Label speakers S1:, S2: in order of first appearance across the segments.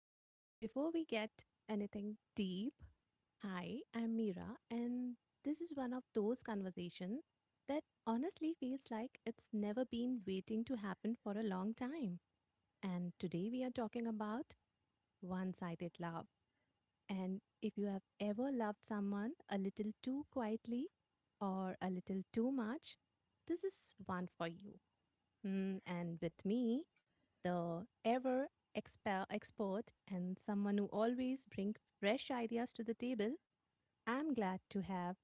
S1: so before we get anything deep, hi, I'm Mira, and this is one of those conversations that honestly feels like it's never been waiting to happen for a long time. And today we are talking about one sided love. And if you have ever loved someone a little too quietly or a little too much, this is one for you. And with me, the ever expert and someone who always brings fresh ideas to the table, I'm glad to have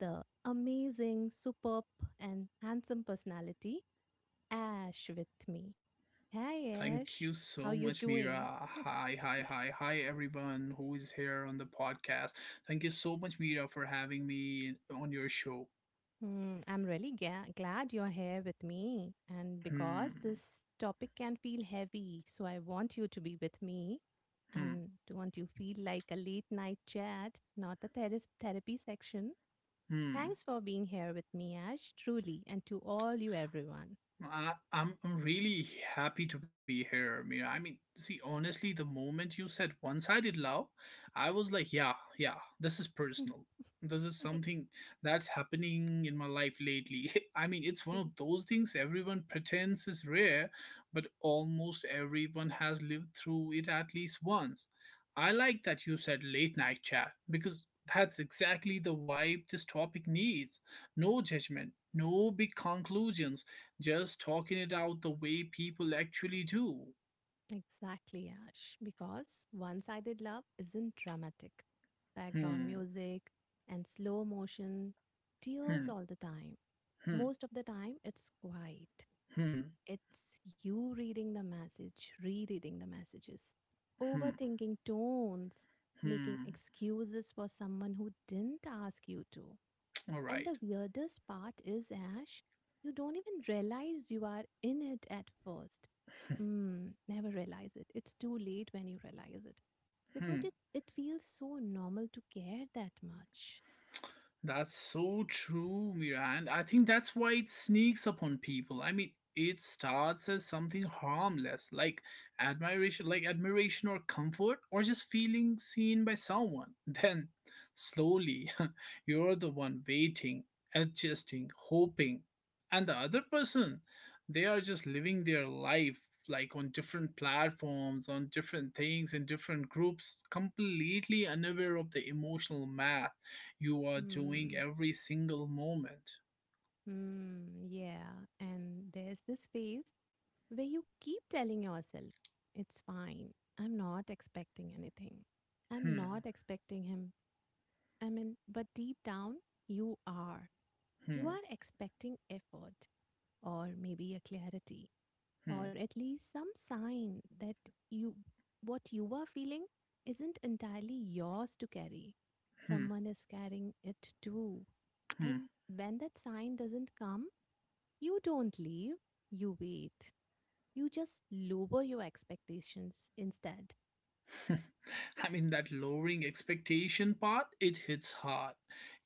S1: the amazing, superb, and handsome personality, Ash, with me. Hi,
S2: Thank
S1: Ash.
S2: you
S1: How
S2: so
S1: you
S2: much,
S1: doing?
S2: Mira. Hi, hi, hi, hi, everyone who is here on the podcast. Thank you so much, Mira, for having me on your show.
S1: I'm really glad you're here with me. And
S2: Hmm,
S1: because this topic can feel heavy, so I want you to be with me. I
S2: hmm,
S1: want you feel like a late night chat, not a therapy section.
S2: hmm.
S1: Thanks for being here with me, Ash, truly, and to all you everyone.
S2: I'm really happy to be here, Mira. I mean, see, honestly, the moment you said one-sided love, I was like, yeah, yeah, this is personal. This is something that's happening in my life lately. I mean, it's one of those things everyone pretends is rare, but almost everyone has lived through it at least once. I like that you said late night chat because that's exactly the vibe this topic needs. No judgment, no big conclusions just talking it out the way people actually do.
S1: Exactly, Ash. Because one sided love isn't dramatic. Background
S2: Hmm,
S1: music and slow motion, tears
S2: hmm,
S1: all the time.
S2: hmm,
S1: Most of the time, it's quiet.
S2: hmm,
S1: It's you reading the message, rereading the messages,
S2: hmm,
S1: overthinking tones, making
S2: hmm.
S1: excuses for someone who didn't ask you to.
S2: All
S1: And
S2: right.
S1: the weirdest part is, Ash, you don't even realize you are in it at first. Mm, never realize it. It's too late when you realize it. Because
S2: Hmm.
S1: it feels so normal to care that much.
S2: That's so true, Mira. And I think that's why it sneaks upon people. I mean, it starts as something harmless, like admiration or comfort, or just feeling seen by someone. Then, slowly, you're the one waiting, adjusting, hoping, and the other person, they are just living their life like on different platforms, on different things, in different groups, completely unaware of the emotional math you are doing
S1: Hmm.
S2: every single moment.
S1: Hmm. Yeah. And there's this phase where you keep telling yourself, it's fine. I'm not expecting anything. I'm
S2: Hmm,
S1: not expecting him. I mean, but deep down, you are. You are
S2: hmm,
S1: expecting effort, or maybe a clarity, or
S2: hmm,
S1: at least some sign that you, what you are feeling isn't entirely yours to carry,
S2: hmm,
S1: someone is carrying it too. And when that sign doesn't come, you don't leave, you wait, you just lower your expectations instead.
S2: hmm. I mean, that lowering expectation part, it hits hard.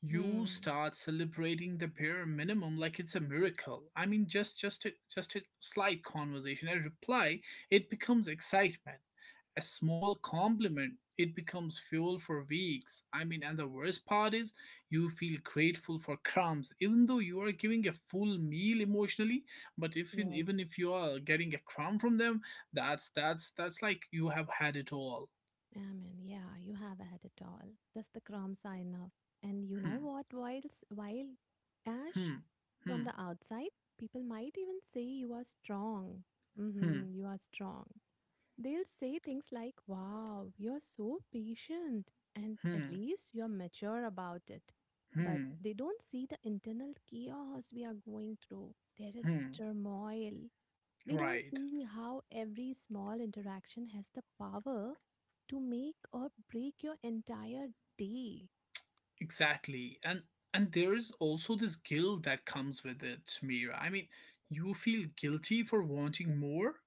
S2: You
S1: Hmm.
S2: start celebrating the bare minimum like it's a miracle. I mean, just a slight conversation, a reply, it becomes excitement. A small compliment, it becomes fuel for weeks. I mean, and the worst part is you feel grateful for crumbs, even though you are giving a full meal emotionally. But if even
S1: Yes.
S2: if you are getting a crumb from them, that's like you have had it all.
S1: Amen. Yeah, you have had it all. That's the crumb sign enough? And you know
S2: Hmm.
S1: what? While Ash,
S2: Hmm.
S1: from
S2: Hmm.
S1: the outside, people might even say you are strong. Hmm,
S2: Hmm.
S1: you are strong. They'll say things like, wow, you're so patient. And at
S2: Hmm.
S1: least you're mature about it. But
S2: Hmm.
S1: they don't see the internal chaos we are going through. There is
S2: Hmm.
S1: turmoil, they don't
S2: Right.
S1: see how every small interaction has the power to make or break your entire day.
S2: Exactly. And there is also this guilt that comes with it, Mira. I mean, you feel guilty for wanting more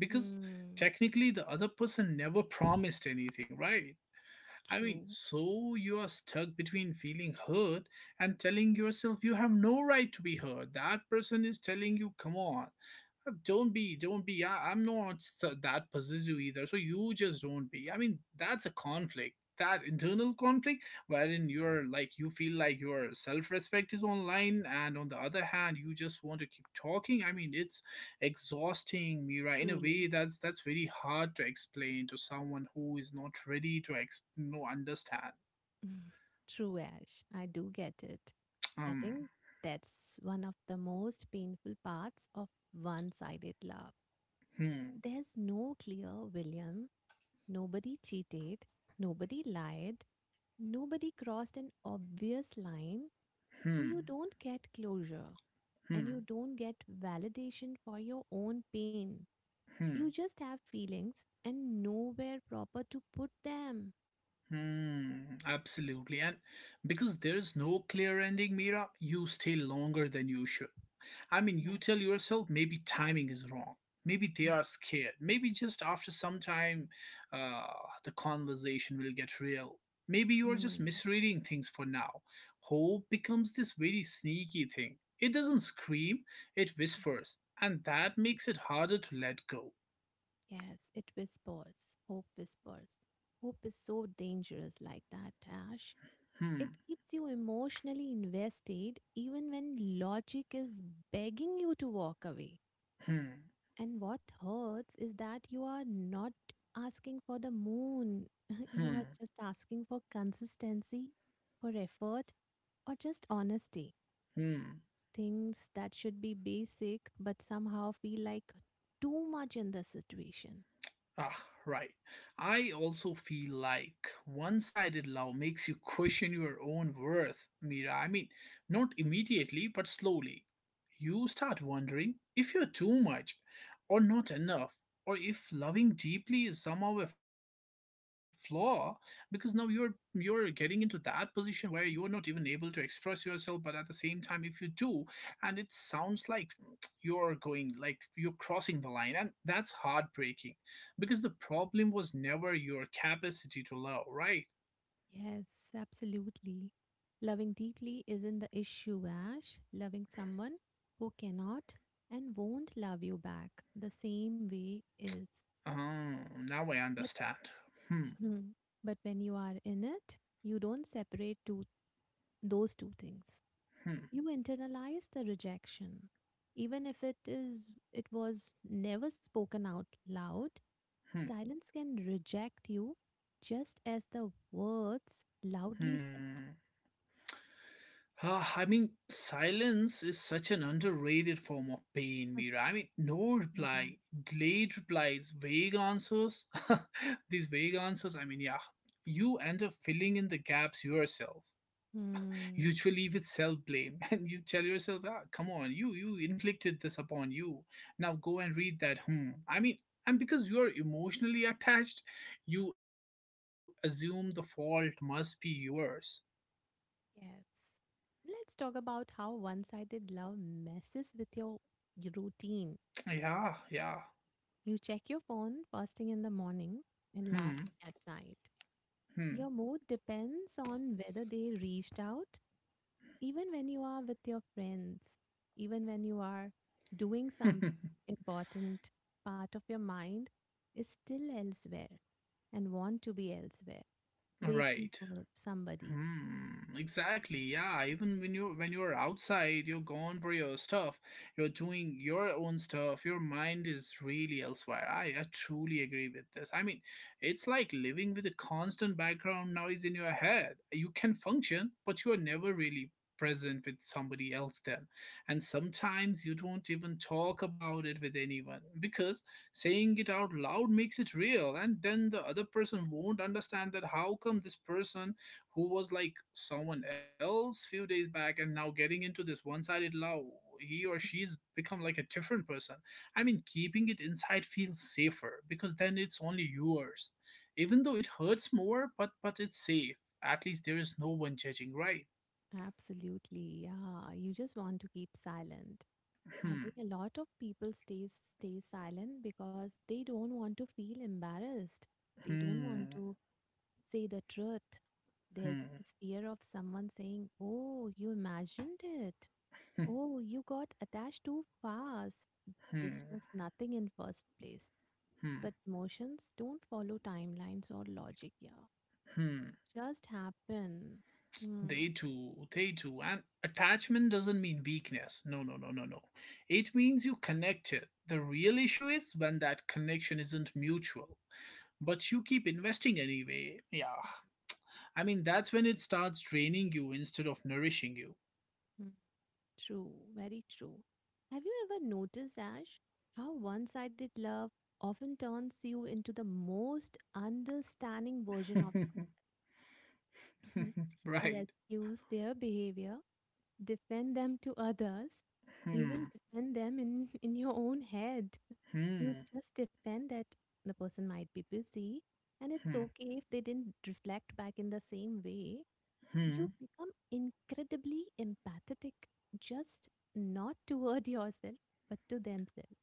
S2: because
S1: Hmm,
S2: technically the other person never promised anything, right? I mean,
S1: true,
S2: so you are stuck between feeling hurt and telling yourself you have no right to be hurt. That person is telling you, come on don't be I, I'm not s- that possessive either, so you just don't be. I mean, that's a conflict, that internal conflict wherein you're like, you feel like your self-respect is online and on the other hand you just want to keep talking. I mean, it's exhausting, Mira, in a
S1: truly.
S2: way that's very hard to explain to someone who is not ready to ex- no understand.
S1: True, Ash. I do get it. I
S2: um
S1: think that's one of the most painful parts of one sided love.
S2: hmm
S1: There's no clear William, nobody cheated, nobody lied, nobody crossed an obvious line, so you
S2: hmm
S1: don't get closure, and you
S2: hmm
S1: don't get validation for your own pain. You
S2: hmm
S1: just have feelings and nowhere proper to put them.
S2: Hmm, absolutely. And because there is no clear ending, Mira, you stay longer than you should. I mean, you
S1: Yes.
S2: tell yourself maybe timing is wrong. Maybe they are scared. Maybe just after some time, uh, the conversation will get real. Maybe you are just
S1: Hmm.
S2: misreading things for now. Hope becomes this very sneaky thing. It doesn't scream, it whispers, and that makes it harder to let go.
S1: Yes, it whispers. Hope whispers. Hope is so dangerous like that, Ash.
S2: Hmm,
S1: It keeps you emotionally invested even when logic is begging you to walk away.
S2: hmm,
S1: And what hurts is that you are not asking for the moon. You
S2: hmm,
S1: are just asking for consistency, for effort, or just honesty.
S2: hmm.
S1: Things that should be basic but somehow feel like too much in the situation.
S2: Ah, right. I also feel like one sided love makes you question your own worth, Mira. I mean, not immediately, but slowly. You start wondering if you're too much or not enough, or if loving deeply is somehow a flaw, because now you're getting into that position where you're not even able to express yourself, but at the same time if you do and it sounds like you're going, like you're crossing the line, and that's heartbreaking because the problem was never your capacity to love, right?
S1: Yes, absolutely. Loving deeply isn't the issue, Ash. Loving someone who cannot and won't love you back the same way is.
S2: Oh, now I understand. Hmm,
S1: Hmm. But when you are in it, you don't separate those two things.
S2: hmm,
S1: You internalize the rejection. Even if it was never spoken out loud,
S2: hmm,
S1: silence can reject you just as the words loudly said.
S2: hmm. Ah, I mean, silence is such an underrated form of pain, Mira. I mean, no
S1: Yeah.
S2: reply, delayed replies, vague answers. These vague answers, I mean, yeah, you end up filling in the gaps yourself,
S1: Hmm.
S2: usually with self-blame. And you tell yourself, ah, come on, you inflicted this upon you, now go and read that. I mean, and because you are emotionally attached, you assume the fault must be yours.
S1: Yes. Let's talk about how one-sided love messes with your routine.
S2: Yeah, yeah.
S1: You check your phone first thing in the morning and last
S2: hmm
S1: thing at night.
S2: hmm
S1: Your mood depends on whether they reached out, even when you are with your friends, even when you are doing something important, part of your mind is still elsewhere and want to be elsewhere, waiting
S2: right.
S1: for somebody.
S2: Hmm, exactly. Yeah, even when you when you're outside, you're gone for your stuff. You're doing your own stuff. Your mind is really elsewhere. I truly agree with this. I mean, it's like living with a constant background noise in your head. You can function, but you are never really present with somebody else then. And sometimes you don't even talk about it with anyone because saying it out loud makes it real, and then the other person won't understand that how come this person who was like someone else few days back and now getting into this one-sided love, he or she's become like a different person. I mean, keeping it inside feels safer because then it's only yours. Even though it hurts more, but it's safe. At least there is no one judging, right?
S1: Absolutely, yeah. You just want to keep silent. I
S2: hmm
S1: think a lot of people stay silent because they don't want to feel embarrassed. They don't want
S2: hmm
S1: to say the truth. There's
S2: hmm
S1: this fear of someone saying, oh, you imagined it.
S2: hmm
S1: Oh, you got attached too fast. This
S2: hmm
S1: was nothing in first place. But
S2: hmm
S1: emotions don't follow timelines or logic, yeah.
S2: hmm
S1: Just happen. Hmm.
S2: They too, they too. And attachment doesn't mean weakness. No, no, no, no, no. It means you connected. The real issue is when that connection isn't mutual. But you keep investing anyway. Yeah. I mean, that's when it starts draining you instead of nourishing you.
S1: Hmm, true, very true. Have you ever noticed, Ash, how one sided love often turns you into the most understanding version of yourself? You
S2: Right.
S1: excuse their behavior, defend them to others,
S2: Hmm.
S1: even defend them in, in your own head. You
S2: Hmm.
S1: just defend that the person might be busy and it's
S2: Hmm.
S1: okay if they didn't reflect back in the same way. You
S2: Hmm.
S1: become incredibly empathetic, just not toward yourself, but to themselves.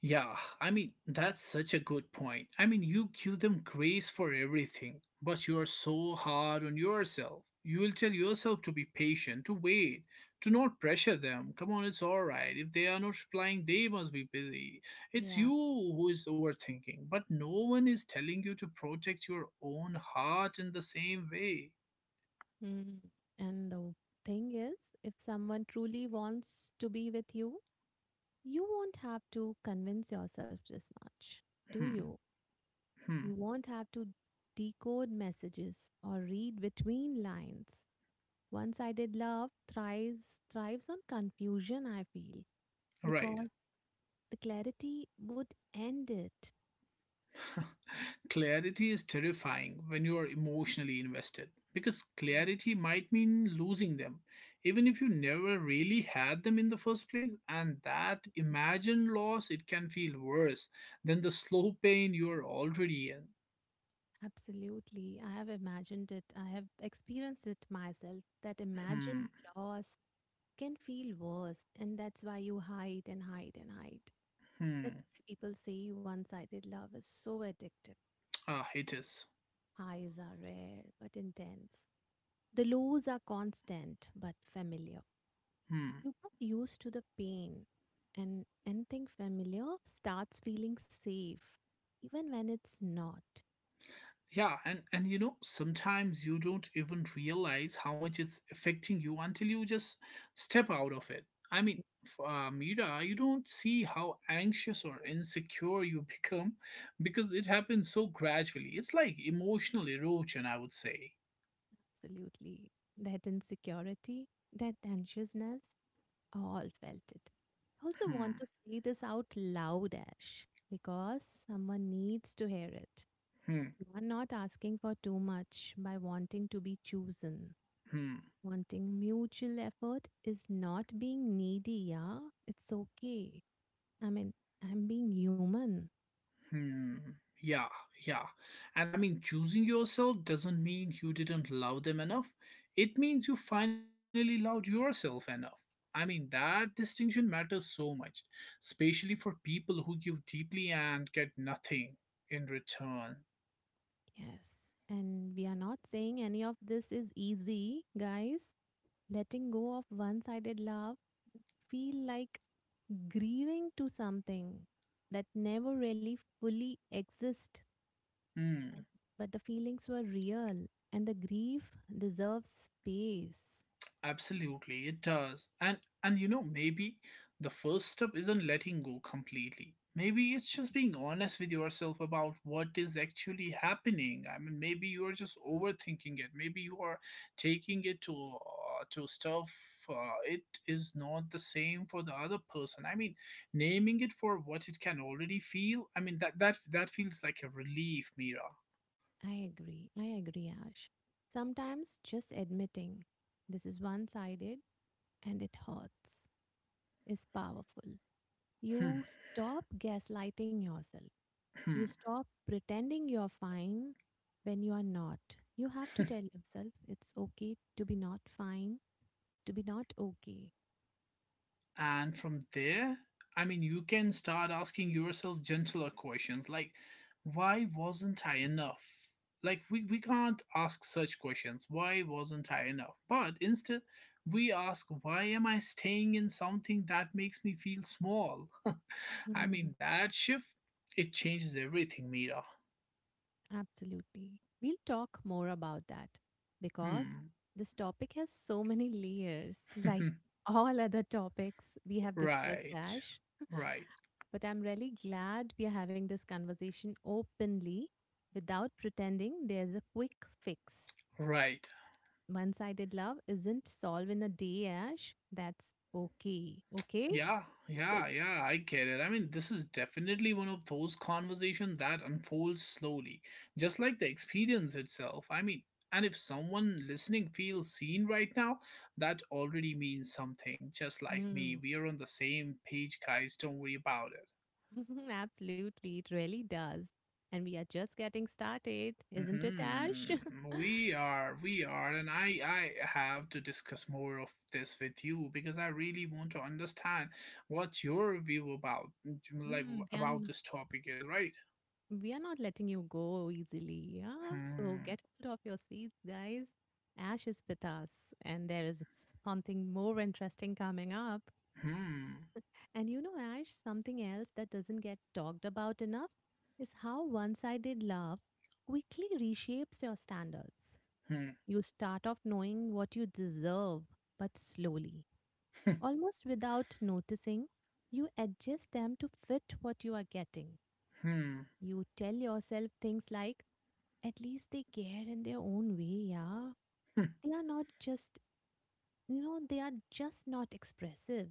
S2: Yeah, I mean, that's such a good point. I mean, you give them grace for everything, but you are so hard on yourself. You will tell yourself to be patient, to wait, to not pressure them. Come on, it's all right. If they are not replying, they must be busy. It's you
S1: Yeah.
S2: who is overthinking, but no one is telling you to protect your own heart in the same way.
S1: Mm. And the thing is, if someone truly wants to be with you, you won't have to convince yourself this much, do
S2: Hmm,
S1: you?
S2: hmm,
S1: You won't have to decode messages or read between lines. One-sided love thrives on confusion, I feel,
S2: right.
S1: because the clarity would end it.
S2: Clarity is terrifying when you are emotionally invested because clarity might mean losing them, even if you never really had them in the first place. And that imagined loss, it can feel worse than the slow pain you are already in.
S1: Absolutely. I have imagined it. I have experienced it myself that
S2: Hmm,
S1: imagined loss can feel worse, and that's why you hide and hide and hide.
S2: hmm,
S1: That's why people say one-sided love is so addictive.
S2: ah, it is.
S1: Highs are rare but intense. The lows are constant but familiar.
S2: Hmm.
S1: You get used to the pain, and anything familiar starts feeling safe, even when it's not.
S2: Yeah, and you know, sometimes you don't even realize how much it's affecting you until you just step out of it. I mean, Mira, you don't see how anxious or insecure you become because it happens so gradually. It's like emotional erosion, I would say.
S1: Absolutely. That insecurity, that anxiousness, all felt it. I also want
S2: Hmm,
S1: to say this out loud, Ash, because someone needs to hear it.
S2: hmm,
S1: You are not asking for too much by wanting to be chosen.
S2: hmm.
S1: Wanting mutual effort is not being needy, yeah? It's okay. I mean, I'm being human.
S2: Hmm. Yeah, yeah. And I mean, choosing yourself doesn't mean you didn't love them enough. It means you finally loved yourself enough. I mean, that distinction matters so much, especially for people who give deeply and get nothing in return.
S1: Yes. And we are not saying any of this is easy, guys. Letting go of one sided love feel like grieving to something that never really fully exists,
S2: Hmm.
S1: but the feelings were real and the grief deserves space.
S2: Absolutely, it does. And you know, maybe the first step isn't letting go completely. Maybe it's just being honest with yourself about what is actually happening. I mean, maybe you are just overthinking it. Maybe you are taking it to stuff. Uh, it is not the same for the other person. I mean, naming it for what it can already feel. I mean, that feels like a relief, Mira.
S1: I agree. I agree, Ash. Sometimes just admitting this is one sided and it hurts is powerful.
S2: Hmm.
S1: You stop gaslighting yourself. You
S2: Hmm.
S1: stop pretending you're fine when you are not. You have to
S2: hmm.
S1: tell yourself it's okay to be not fine, to be not okay.
S2: And from there, I mean, you can start asking yourself gentler questions like, why wasn't I enough? Like, we can't ask such questions. Why wasn't I enough? But instead, we ask, why am I staying in something that makes me feel small? I mean, that shift, it changes everything, Mira.
S1: Absolutely. We'll talk more about that because
S2: Hmm.
S1: this topic has so many layers, like all other topics we have discussed,
S2: Right.
S1: Ash.
S2: Right.
S1: But I'm really glad we are having this conversation openly without pretending there's a quick fix.
S2: Right.
S1: One sided love isn't solved in a day, Ash. That's okay. Okay?
S2: Yeah, yeah, yeah, I get it. I mean, this is definitely one of those conversations that unfolds slowly, just like the experience itself. I mean, and if someone listening feels seen right now, that already means something. Just like me,
S1: Hmm.
S2: we are on the same page, guys. Don't worry about
S1: Absolutely. It really does. And we are just getting started,
S2: it.
S1: isn't it, Ash?
S2: We are, and I have to discuss more of this with you because I really want to understand what your view about, like
S1: Mm, we
S2: about
S1: are,
S2: this topic is, right?
S1: we are not letting you go easily. Yeah. So
S2: Hmm.
S1: get hold of your seats, guys. Ash is with us, and there is something more interesting coming up.
S2: Hmm.
S1: And you know, Ash, something else that doesn't get talked about enough is how one sided love quickly reshapes your standards.
S2: Hmm.
S1: You start off knowing what you deserve, but slowly,
S2: Hmm.
S1: almost without noticing, you adjust them to fit what you are getting.
S2: hmm,
S1: You tell yourself things like, at least they care in their own way, yeah.
S2: hmm.
S1: They are not just, you know, they are just not expressive.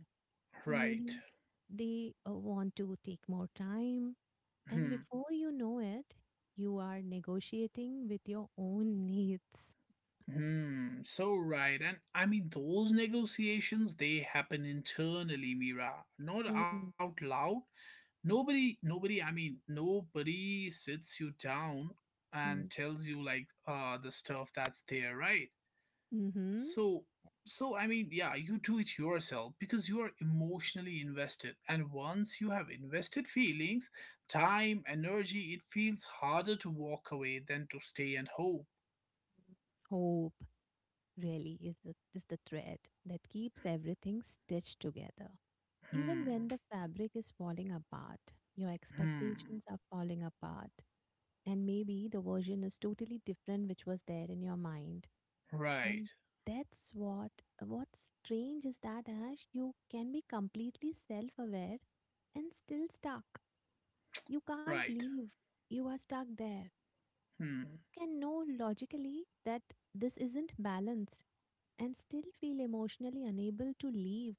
S1: Or
S2: Right.
S1: maybe they want to take more time. And
S2: Hmm.
S1: before you know it, you are negotiating with your own needs.
S2: Hmm. So right. And I mean, those negotiations, they happen internally, Mira, not out
S1: Mm-hmm.
S2: loud. I mean, nobody sits you down and tells you like the stuff that's there, right?
S1: Mm-hmm.
S2: So, so I mean, yeah, you do it yourself because you are emotionally invested. And once you have invested feelings, time, energy, it feels harder to walk away than to stay and hope.
S1: Hope really is the thread that keeps everything stitched together. Even
S2: Hmm,
S1: when the fabric is falling apart, your
S2: hmm,
S1: expectations are falling apart, and maybe the version is totally different which was there in your mind. And
S2: right,
S1: that's what what's strange is that Ash, you can be completely self-aware and still stuck. You can't
S2: right.
S1: leave. You are stuck there.
S2: hmm.
S1: You can know logically that this isn't balanced and still feel emotionally unable to leave.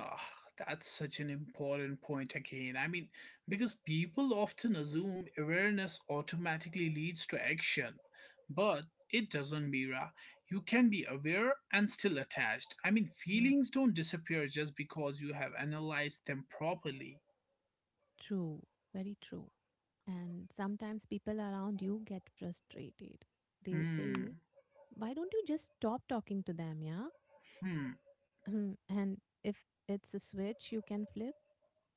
S2: Ah, that's such an important point again. I mean, because people often assume awareness automatically leads to action, but it doesn't, Mira. You can be aware and still attached. I mean, feelings don't disappear just because you have analyzed them properly.
S1: True, very true. And sometimes people around you get frustrated. They'll
S2: Hmm,
S1: say, why don't you just stop talking to them? Yeah.
S2: hmm,
S1: Hmm, and if it's a switch you can flip,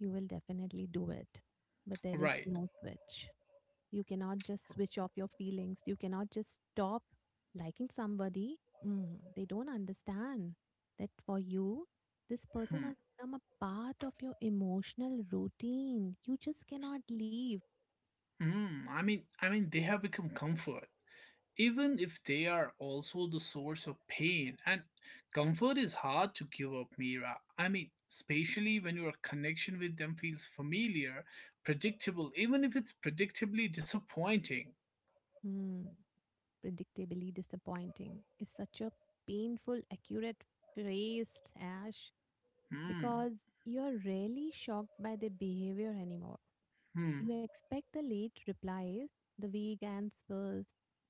S1: you will definitely do it. But there is
S2: right.
S1: no switch. You cannot just switch off your feelings. You cannot just stop liking somebody. Mm, they don't understand that for you, this person
S2: Hmm,
S1: has become a part of your emotional routine. You just
S2: s-
S1: cannot leave.
S2: hmm. I mean, they have become comfort, even if they are also the source of pain. And comfort is hard to give up, Mira. I mean, especially when your connection with them feels familiar, predictable, even if it's predictably disappointing.
S1: Hmm, predictably disappointing is such a painful, accurate phrase, Ash,
S2: Hmm.
S1: because you're rarely shocked by their behavior anymore.
S2: Hmm.
S1: You expect the late replies, the vague answers,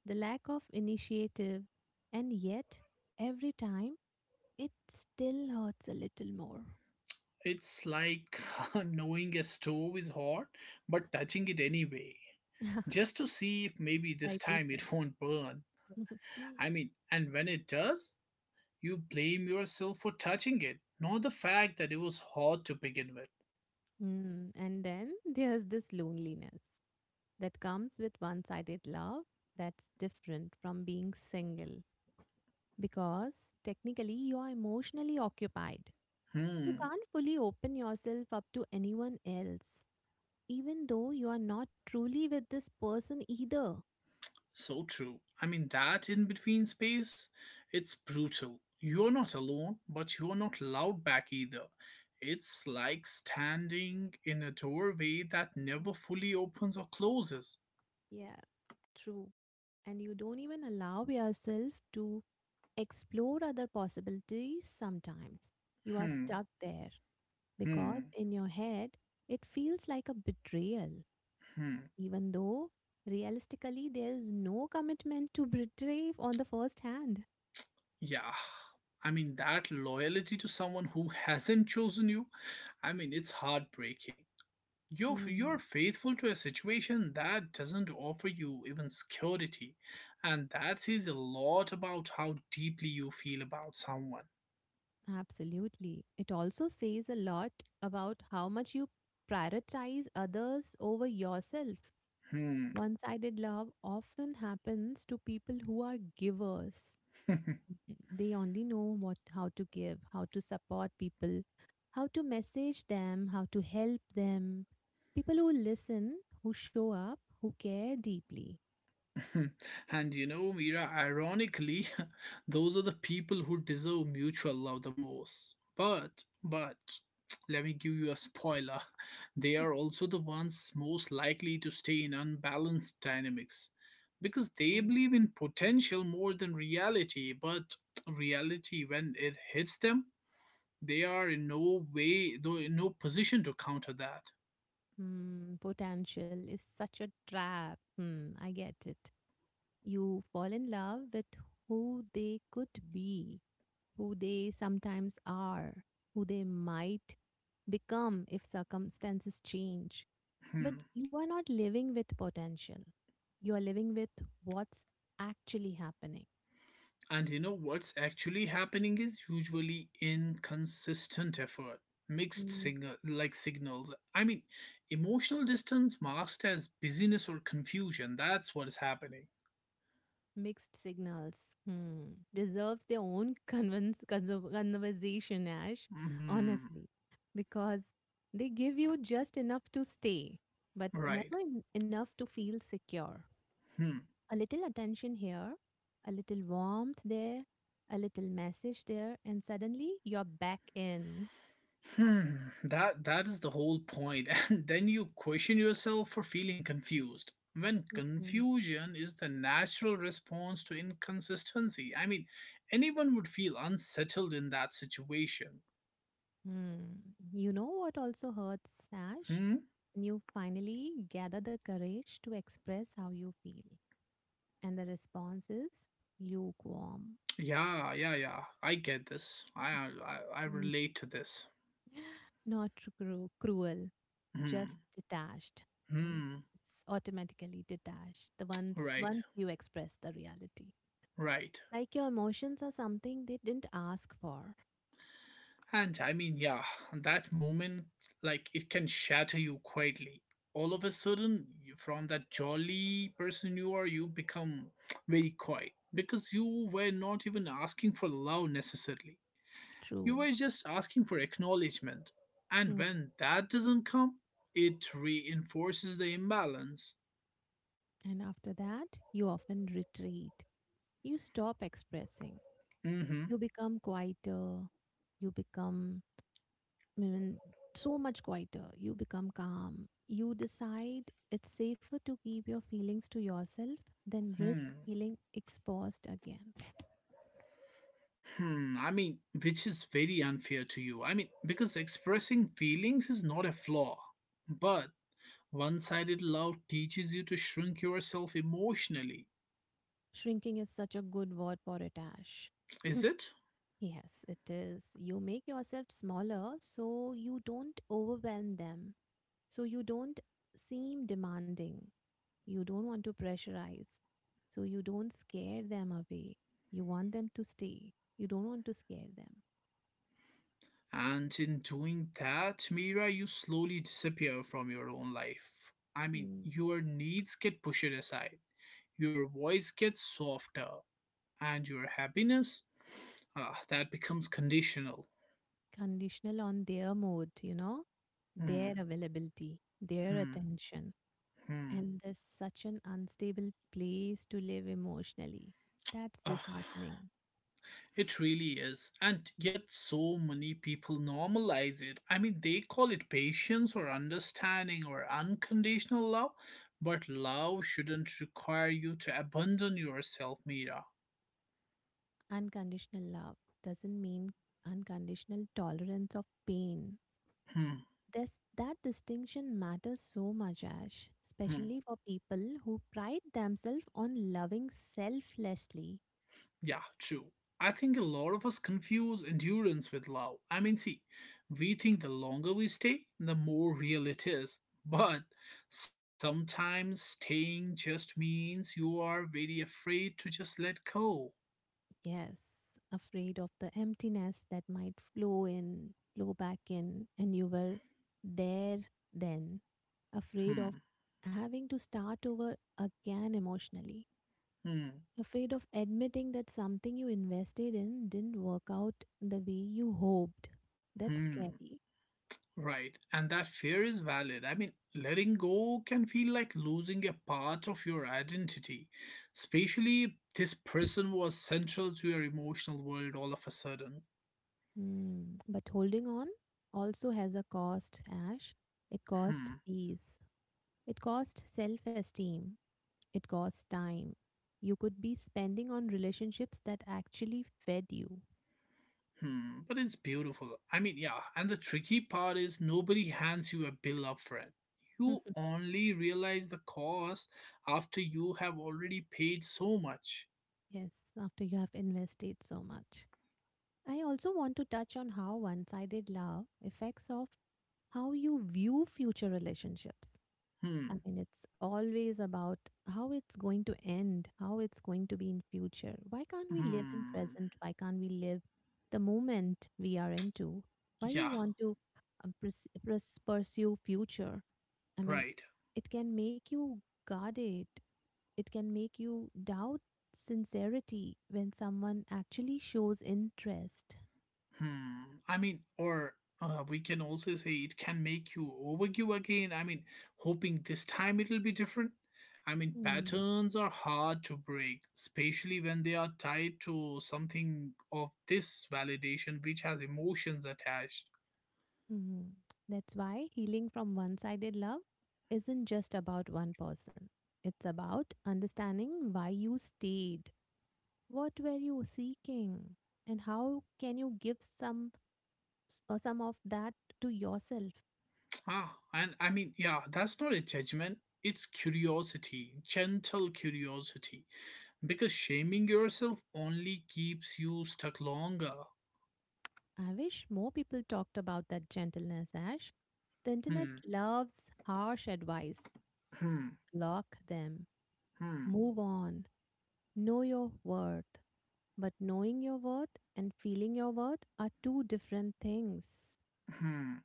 S1: the lack of initiative, and yet, every time, it still hurts a little more.
S2: It's like knowing a stove is hot, but touching it anyway, just to see if maybe this
S1: Rightly
S2: time
S1: said.
S2: it won't burn. I mean, and when it does, you blame yourself for touching it, not the fact that it was hot to begin with.
S1: Hmm, and then there's this loneliness that comes with one sided love, that's different from being single because technically you are emotionally occupied. You
S2: Hmm,
S1: can't fully open yourself up to anyone else, even though you are not truly with this person either.
S2: so true. I mean, that in between space, it's brutal. You're not alone, but you're not loud back either. It's like standing in a doorway that never fully opens or closes.
S1: Yeah, true. And you don't even allow yourself to explore other possibilities sometimes. You are
S2: Hmm,
S1: stuck there because
S2: hmm,
S1: in your head it feels like a betrayal,
S2: hmm.
S1: even though realistically there is no commitment to betray on the first hand.
S2: Yeah. I mean, that loyalty to someone who hasn't chosen you, I mean, it's heartbreaking. You're
S1: Hmm,
S2: faithful to a situation that doesn't offer you even security, and that says a lot about how deeply you feel about someone.
S1: absolutely. It also says a lot about how much you prioritize others over yourself.
S2: Hmm.
S1: One sided love often happens to people who are givers. They only know what how to give, how to support people, how to message them, how to help them. People who listen, who show up, who care deeply.
S2: and Mira, ironically, those are the people who deserve mutual love the most. But, but, let me give you a spoiler. They are also the ones most likely to stay in unbalanced dynamics because they
S1: True.
S2: believe in potential more than reality. But reality, when it hits them, they are in no way, though, in no position to counter that.
S1: Potential is such a trap. I get it. You fall in love with who they could be, who they sometimes are, who they might become if circumstances change. But
S2: Hmm.
S1: you are not living with potential. You are living with what's actually happening.
S2: And you know what's actually happening is usually inconsistent effort, mixed signal like signals. I mean, emotional distance masked as busyness or confusion. That's what is happening.
S1: Mixed signals. Hmm. Deserves their own conversation, Ash,
S2: Hmm.
S1: honestly, because they give you just enough to stay, but
S2: Right.
S1: never enough to feel secure.
S2: Hmm.
S1: A little attention here, a little warmth there, a little message there, and suddenly you're back in.
S2: Hmm. That is the whole point. And then you question yourself for feeling confused. When
S1: Mhm.
S2: confusion is the natural response to inconsistency. I mean, anyone would feel unsettled in that situation.
S1: Hmm. You know what also hurts, Ash?
S2: Hmm.
S1: When you finally gather the courage to express how you feel, and the response is lukewarm.
S2: Yeah, yeah, yeah. I get this. I
S1: Mm.
S2: relate to this.
S1: Not cruel, just
S2: Hmm.
S1: detached. And
S2: Hmm.
S1: it's automatically detached. The ones
S2: Right.
S1: Once you express the reality.
S2: Right.
S1: Like your emotions are something they didn't ask for.
S2: And I mean, yeah, that moment, like, it can shatter you quietly. All of a sudden, you, from that jolly person you are, you become very quiet because you were not even asking for love necessarily.
S1: True.
S2: You were just asking for acknowledgement. And
S1: Mm.
S2: when that doesn't come, it reinforces the imbalance.
S1: And after that, you often retreat. You stop expressing.
S2: Mm-hmm.
S1: You become quieter. You become mean, so much quieter. You become calm. You decide it's safer to keep your feelings to yourself than risk
S2: Hmm.
S1: feeling exposed again.
S2: Hmm, I mean, which is very unfair to you. I mean, because expressing feelings is not a flaw, but one sided love teaches you to shrink yourself emotionally,
S1: Shrinking is such a good word for it, Ash.
S2: is it?
S1: Yes, it is. You make yourself smaller so you don't overwhelm them, so you don't seem demanding. You don't want to pressurize, so you don't scare them away. You want them to stay. You don't want to scare them.
S2: And in doing that, Mira, you slowly disappear from your own life. I mean,
S1: Hmm.
S2: your needs get pushed aside, your voice gets softer, and your happiness, ah, that becomes conditional.
S1: Conditional on their mood, you know,
S2: Hmm,
S1: their availability, their
S2: hmm,
S1: attention.
S2: hmm.
S1: And there's such an unstable place to live emotionally. That's
S2: Ugh.
S1: disheartening.
S2: It really is. And yet, so many people normalize it. I mean, they call it patience or understanding or unconditional love, but love shouldn't require you to abandon yourself, Mira.
S1: Unconditional love doesn't mean unconditional tolerance of pain.
S2: Hmm,
S1: This, that distinction matters so much, Ash,
S2: hmm.
S1: especially for people who pride themselves on loving selflessly.
S2: Yeah, true. I think a lot of us confuse endurance with love. I mean, see, we think the longer we stay, the more real it is. But sometimes staying just means you are very afraid to just let go.
S1: Yes, afraid of the emptiness that might flow in, flow back in, and you were there then, afraid
S2: Hmm,
S1: of having to start over again emotionally,
S2: hmm,
S1: afraid of admitting that something you invested in didn't work out the way you hoped. That's
S2: hmm.
S1: scary.
S2: Right, and that fear is valid. I mean, letting go can feel like losing a part of your identity, especially if this person was central to your emotional world all of a sudden.
S1: Mm. But holding on also has a cost, Ash. It cost
S2: Hmm.
S1: peace, it cost self esteem, it costs time. You could be spending on relationships that actually fed you.
S2: Hmm, but it's beautiful. I mean, yeah, and the tricky part is nobody hands you a bill up front. You only realize the cost after you have already paid so much.
S1: Yes, after you have invested so much. I also want to touch on how one sided love affects of how you view future relationships. I
S2: Hmm,
S1: mean, it's always about how it's going to end, how it's going to be in future. Why can't we live in
S2: hmm,
S1: present? Why can't we live the moment we are into? Why you
S2: yeah,
S1: want to pursue future? I mean,
S2: right.
S1: it can make you guarded. It can make you doubt sincerity when someone actually shows interest.
S2: Hmm. I mean, or we can also say it can make you overgive again. I mean, hoping this time it'll be different. I mean, patterns are hard to break, especially when they are tied to something of this validation which has emotions attached.
S1: Mhm. That's why healing from one sided love isn't just about one person. It's about understanding why you stayed, what were you seeking, and how can you give some s- or some of that to yourself.
S2: Ah, and I mean, yeah, that's not a judgment. It's curiosity, gentle curiosity. Because shaming yourself only keeps you stuck longer.
S1: I wish more people talked about that gentleness, Ash. The internet
S2: Hmm,
S1: loves harsh advice.
S2: hmm,
S1: Block them.
S2: hmm,
S1: Move on. Know your worth. But knowing your worth and feeling your worth are two different things.
S2: hmm.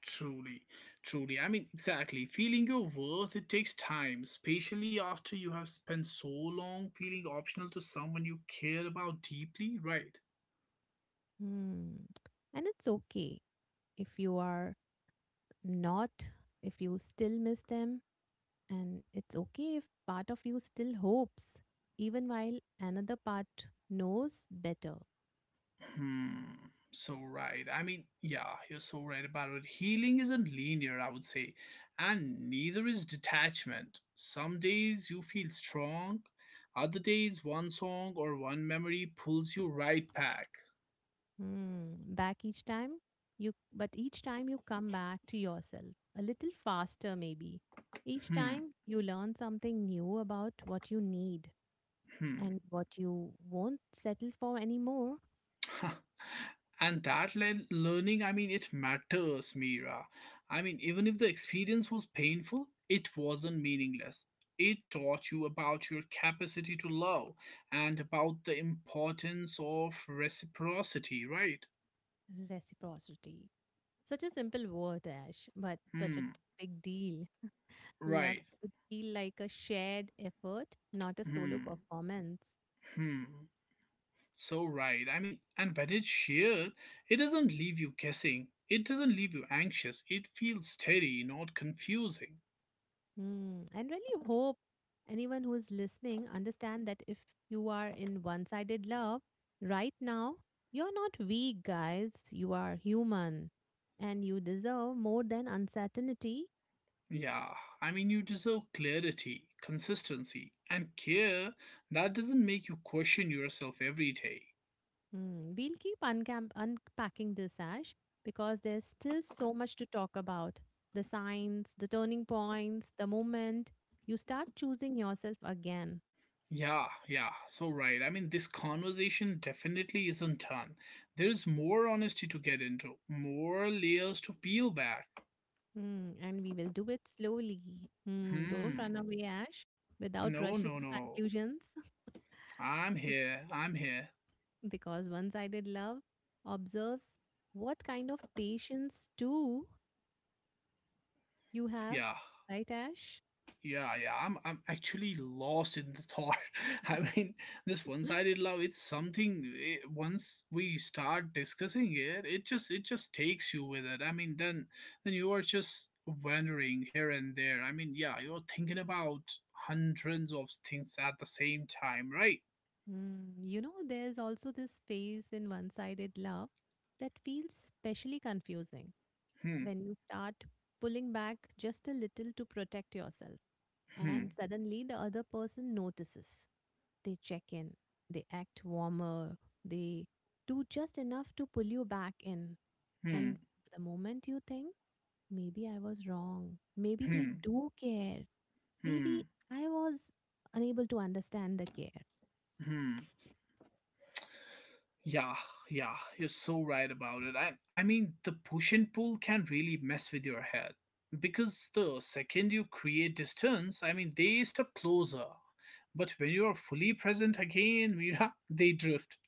S2: Truly, truly. I mean, exactly. Feeling your worth, it takes time, especially after you have spent so long feeling optional to someone you care about deeply, right?
S1: Hmm. And it's okay if you are not, if you still miss them. And it's okay if part of you still hopes, even while another part knows better.
S2: Hmm. So right. I mean, yeah, you're so right about it. Healing isn't linear, I would say, and neither is detachment. Some days you feel strong, other days one song or one memory pulls you right back.
S1: Hmm. Back each time but each time you come back to yourself a little faster, maybe. Each
S2: Hmm.
S1: time you learn something new about what you need
S2: Hmm.
S1: and what you won't settle for anymore.
S2: and that learning, I mean, it matters, Mira. I mean, even if the experience was painful, it wasn't meaningless. It taught you about your capacity to love and about the importance of reciprocity, right?
S1: Reciprocity. Such a simple word, Ash, but such a
S2: Hmm,
S1: big deal. Love
S2: right.
S1: should feel like a shared effort, not a solo
S2: Hmm,
S1: performance.
S2: hmm. So right. I mean, and when it's shared, it doesn't leave you guessing. It doesn't leave you anxious. It feels steady, not confusing.
S1: Hmm. And really hope anyone who is listening understand that if you are in one-sided love right now, you're not weak, guys. You are human, and you deserve more than uncertainty.
S2: Yeah, I mean, you deserve clarity, consistency, and care that doesn't make you question yourself every day.
S1: Hmm, we'll keep unpacking this, Ash, because there's still so much to talk about. The signs, the turning points, the moment you start choosing yourself again.
S2: Yeah, yeah, so right. I mean, this conversation definitely isn't done. There's more honesty to get into, more layers to peel back.
S1: Hmm, and we will do it slowly. Hmm, don't run
S2: Hmm,
S1: away, Ash, without
S2: no, no,
S1: rushing to
S2: no.
S1: conclusions,
S2: I'm
S1: be-
S2: here, I'm here.
S1: because one sided love observes what kind of patience, too, you have,
S2: Yeah.
S1: right, Ash?
S2: Yeah, yeah, I'm actually lost in the thought. I mean, this one-sided love, it's something, once we start discussing it, it just takes you with it. I mean, then you are just wandering here and there. I mean, yeah, you're thinking about hundreds of things at the same time, right?
S1: Mm, you know, there's also this phase in one sided love that feels specially confusing
S2: Hmm,
S1: when you start pulling back just a little to protect yourself.
S2: hmm,
S1: And suddenly the other person notices. They check in, they act warmer, they do just enough to pull you back in.
S2: hmm,
S1: And the moment you think, maybe I was wrong, maybe they
S2: hmm,
S1: do care, maybe
S2: hmm,
S1: I was unable to understand the care.
S2: hmm. Yeah, yeah, you're so right about it. I mean the push and pull can really mess with your head. Because the second you create distance, I mean they step closer. But when you are fully present again, Mira, they drift.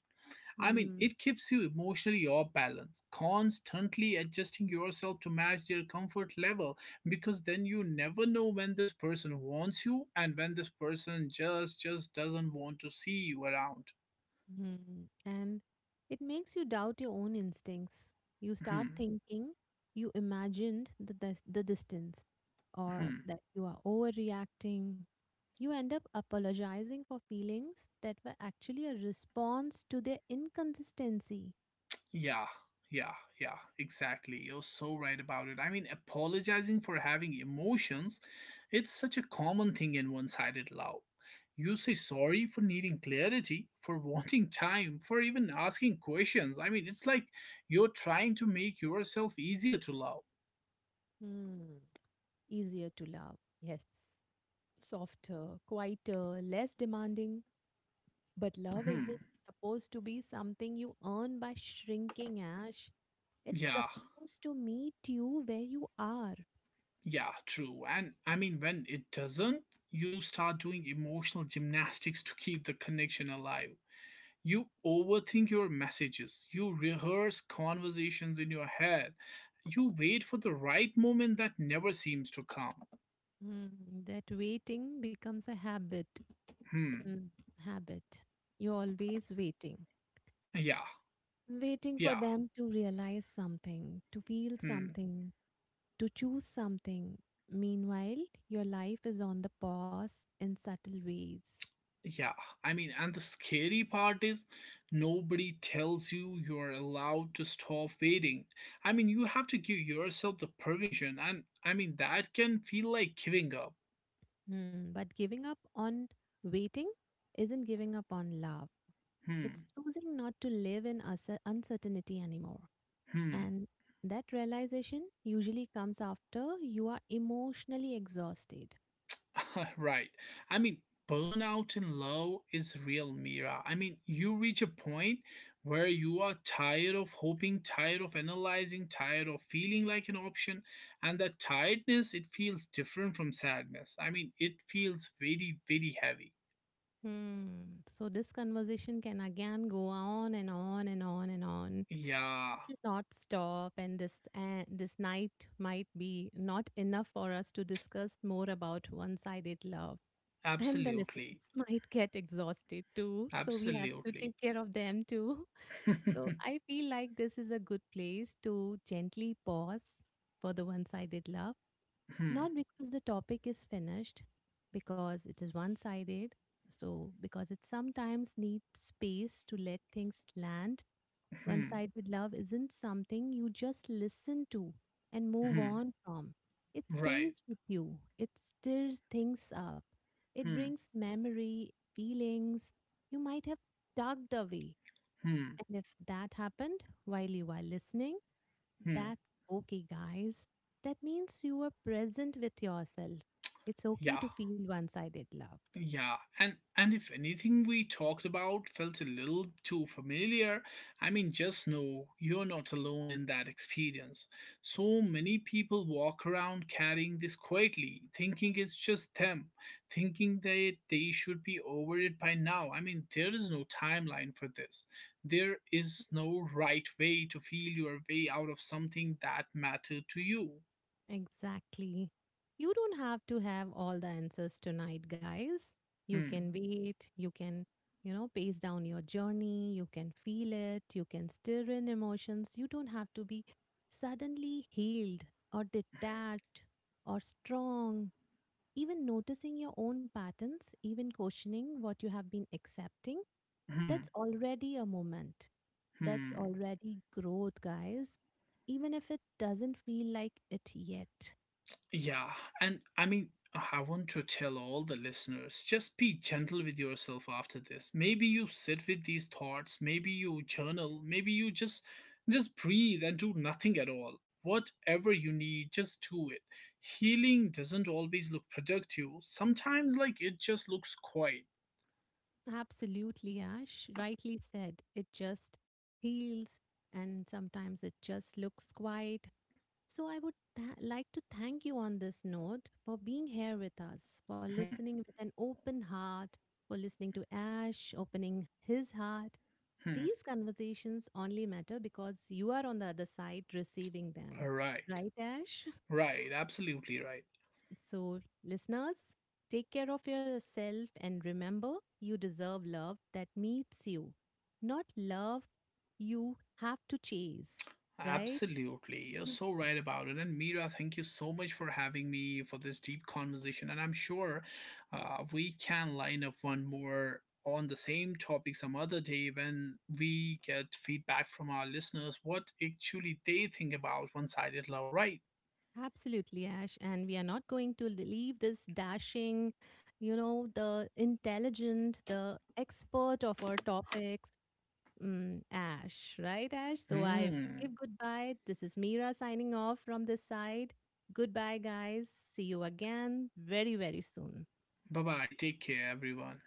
S2: I mean
S1: Hmm.
S2: it keeps you emotionally off balance, constantly adjusting yourself to match their comfort level because then you never know when this person wants you and when this person just doesn't want to see you around.
S1: Mhm. And it makes you doubt your own instincts. You start thinking you imagined the distance or
S2: Hmm.
S1: that you are overreacting. You end up apologizing for feelings that were actually a response to their inconsistency.
S2: Yeah, yeah, yeah, exactly. You're so right about it. I mean, apologizing for having emotions, it's such a common thing in one sided love. You say sorry for needing clarity, for wanting time, for even asking questions. I mean, it's like you're trying to make yourself easier to love.
S1: Hmm. Easier to love. Yes. Softer, quieter, less demanding. But love
S2: Hmm.
S1: isn't supposed to be something you earn by shrinking, Ash. It's
S2: Yeah,
S1: supposed to meet you where you are.
S2: yeah, true. And I mean, when it doesn't, you start doing emotional gymnastics to keep the connection alive. You overthink your messages, you rehearse conversations in your head, you wait for the right moment that never seems to come.
S1: Mm, that waiting becomes a habit.
S2: Hmm,
S1: Mm, habit. You're always waiting.
S2: yeah,
S1: Waiting for
S2: yeah,
S1: them to realize something, to feel
S2: hmm,
S1: something, to choose something. Meanwhile, your life is on the pause in subtle ways.
S2: yeah. I mean, and the scary part is nobody tells you you're allowed to stop waiting. I mean, you have to give yourself the permission, and I mean, that can feel like giving up.
S1: Mm, but giving up on waiting isn't giving up on love. It's
S2: Hmm,
S1: choosing not to live in uncertainty anymore.
S2: hmm.
S1: And that realization usually comes after you are emotionally exhausted.
S2: right. I mean, burnout in love is real, Mira. I mean, you reach a point where you are tired of hoping, tired of analyzing, tired of feeling like an option, and that tiredness it feels different from sadness. I mean, it feels very, very heavy.
S1: Hmm. So, this conversation can again go on and on and on and on.
S2: Yeah,
S1: It will not stop, and this night might be not enough for us to discuss more about one sided love. And the listeners
S2: absolutely,
S1: might get exhausted too. So, we have to
S2: absolutely.
S1: take care of them too. So I feel like this is a good place to gently pause for the one sided love,
S2: Hmm,
S1: not because the topic is finished, because it is one sided. So, because it sometimes needs space to let things land. One
S2: hmm,
S1: sided love isn't something you just listen to and move
S2: hmm.
S1: on from. It
S2: Right.
S1: stays with you, it stirs things up, it
S2: Hmm,
S1: brings memory, feelings you might have tugged away,
S2: hmm,
S1: and if that happened while you are listening,
S2: hmm.
S1: that's okay, guys. That means you are present with yourself. It's okay
S2: Yeah.
S1: to feel one sided love.
S2: Yeah, and if anything we talked about felt a little too familiar, I mean just know you're not alone in that experience. So many people walk around carrying this quietly, thinking it's just them, thinking that they should be over it by now. I mean there is no timeline for this. There is no right way to feel your way out of something that mattered to you.
S1: Exactly. You don't have to have all the answers tonight, guys. You can
S2: Hmm.
S1: wait. You can, you know, pace down your journey. You can feel it. You can stir in emotions. You don't have to be suddenly healed or detached or strong. Even noticing your own patterns, even questioning what you have been accepting, that's
S2: Hmm.
S1: already a moment. That's
S2: Hmm.
S1: already growth, guys, even if it doesn't feel like it yet.
S2: Yeah, and I mean, I want to tell all the listeners just be gentle with yourself after this. Maybe you sit with these thoughts, maybe you journal, maybe you just breathe and do nothing at all. Whatever you need, just do it. Healing doesn't always look productive. Sometimes like it just looks quiet.
S1: Absolutely, Ash. Rightly said. It just heals and sometimes it just looks quiet. So I would like to thank you on this note for being here with us, for
S2: Hmm,
S1: listening with an open heart, for listening to Ash opening his heart.
S2: hmm.
S1: These conversations only matter because you are on the other side receiving them.
S2: Right.
S1: Right, Ash?
S2: Right, absolutely right.
S1: So, listeners, take care of yourself and remember you deserve love that meets you, not love you have to chase, right?
S2: Absolutely. You're so right about it. And Mira, thank you so much for having me for this deep conversation. And I'm sure we can line up one more on the same topic some other day when we get feedback from our listeners what actually they think about one sided love, right?
S1: Absolutely, Ash. And we are not going to leave this dashing, you know, the intelligent, the expert of our topics. Mm, Ash, right, Ash? So I
S2: Hmm.
S1: wave goodbye. This is Mira signing off from this side. Goodbye, guys. See you again very, very soon.
S2: Bye bye. Take care, everyone.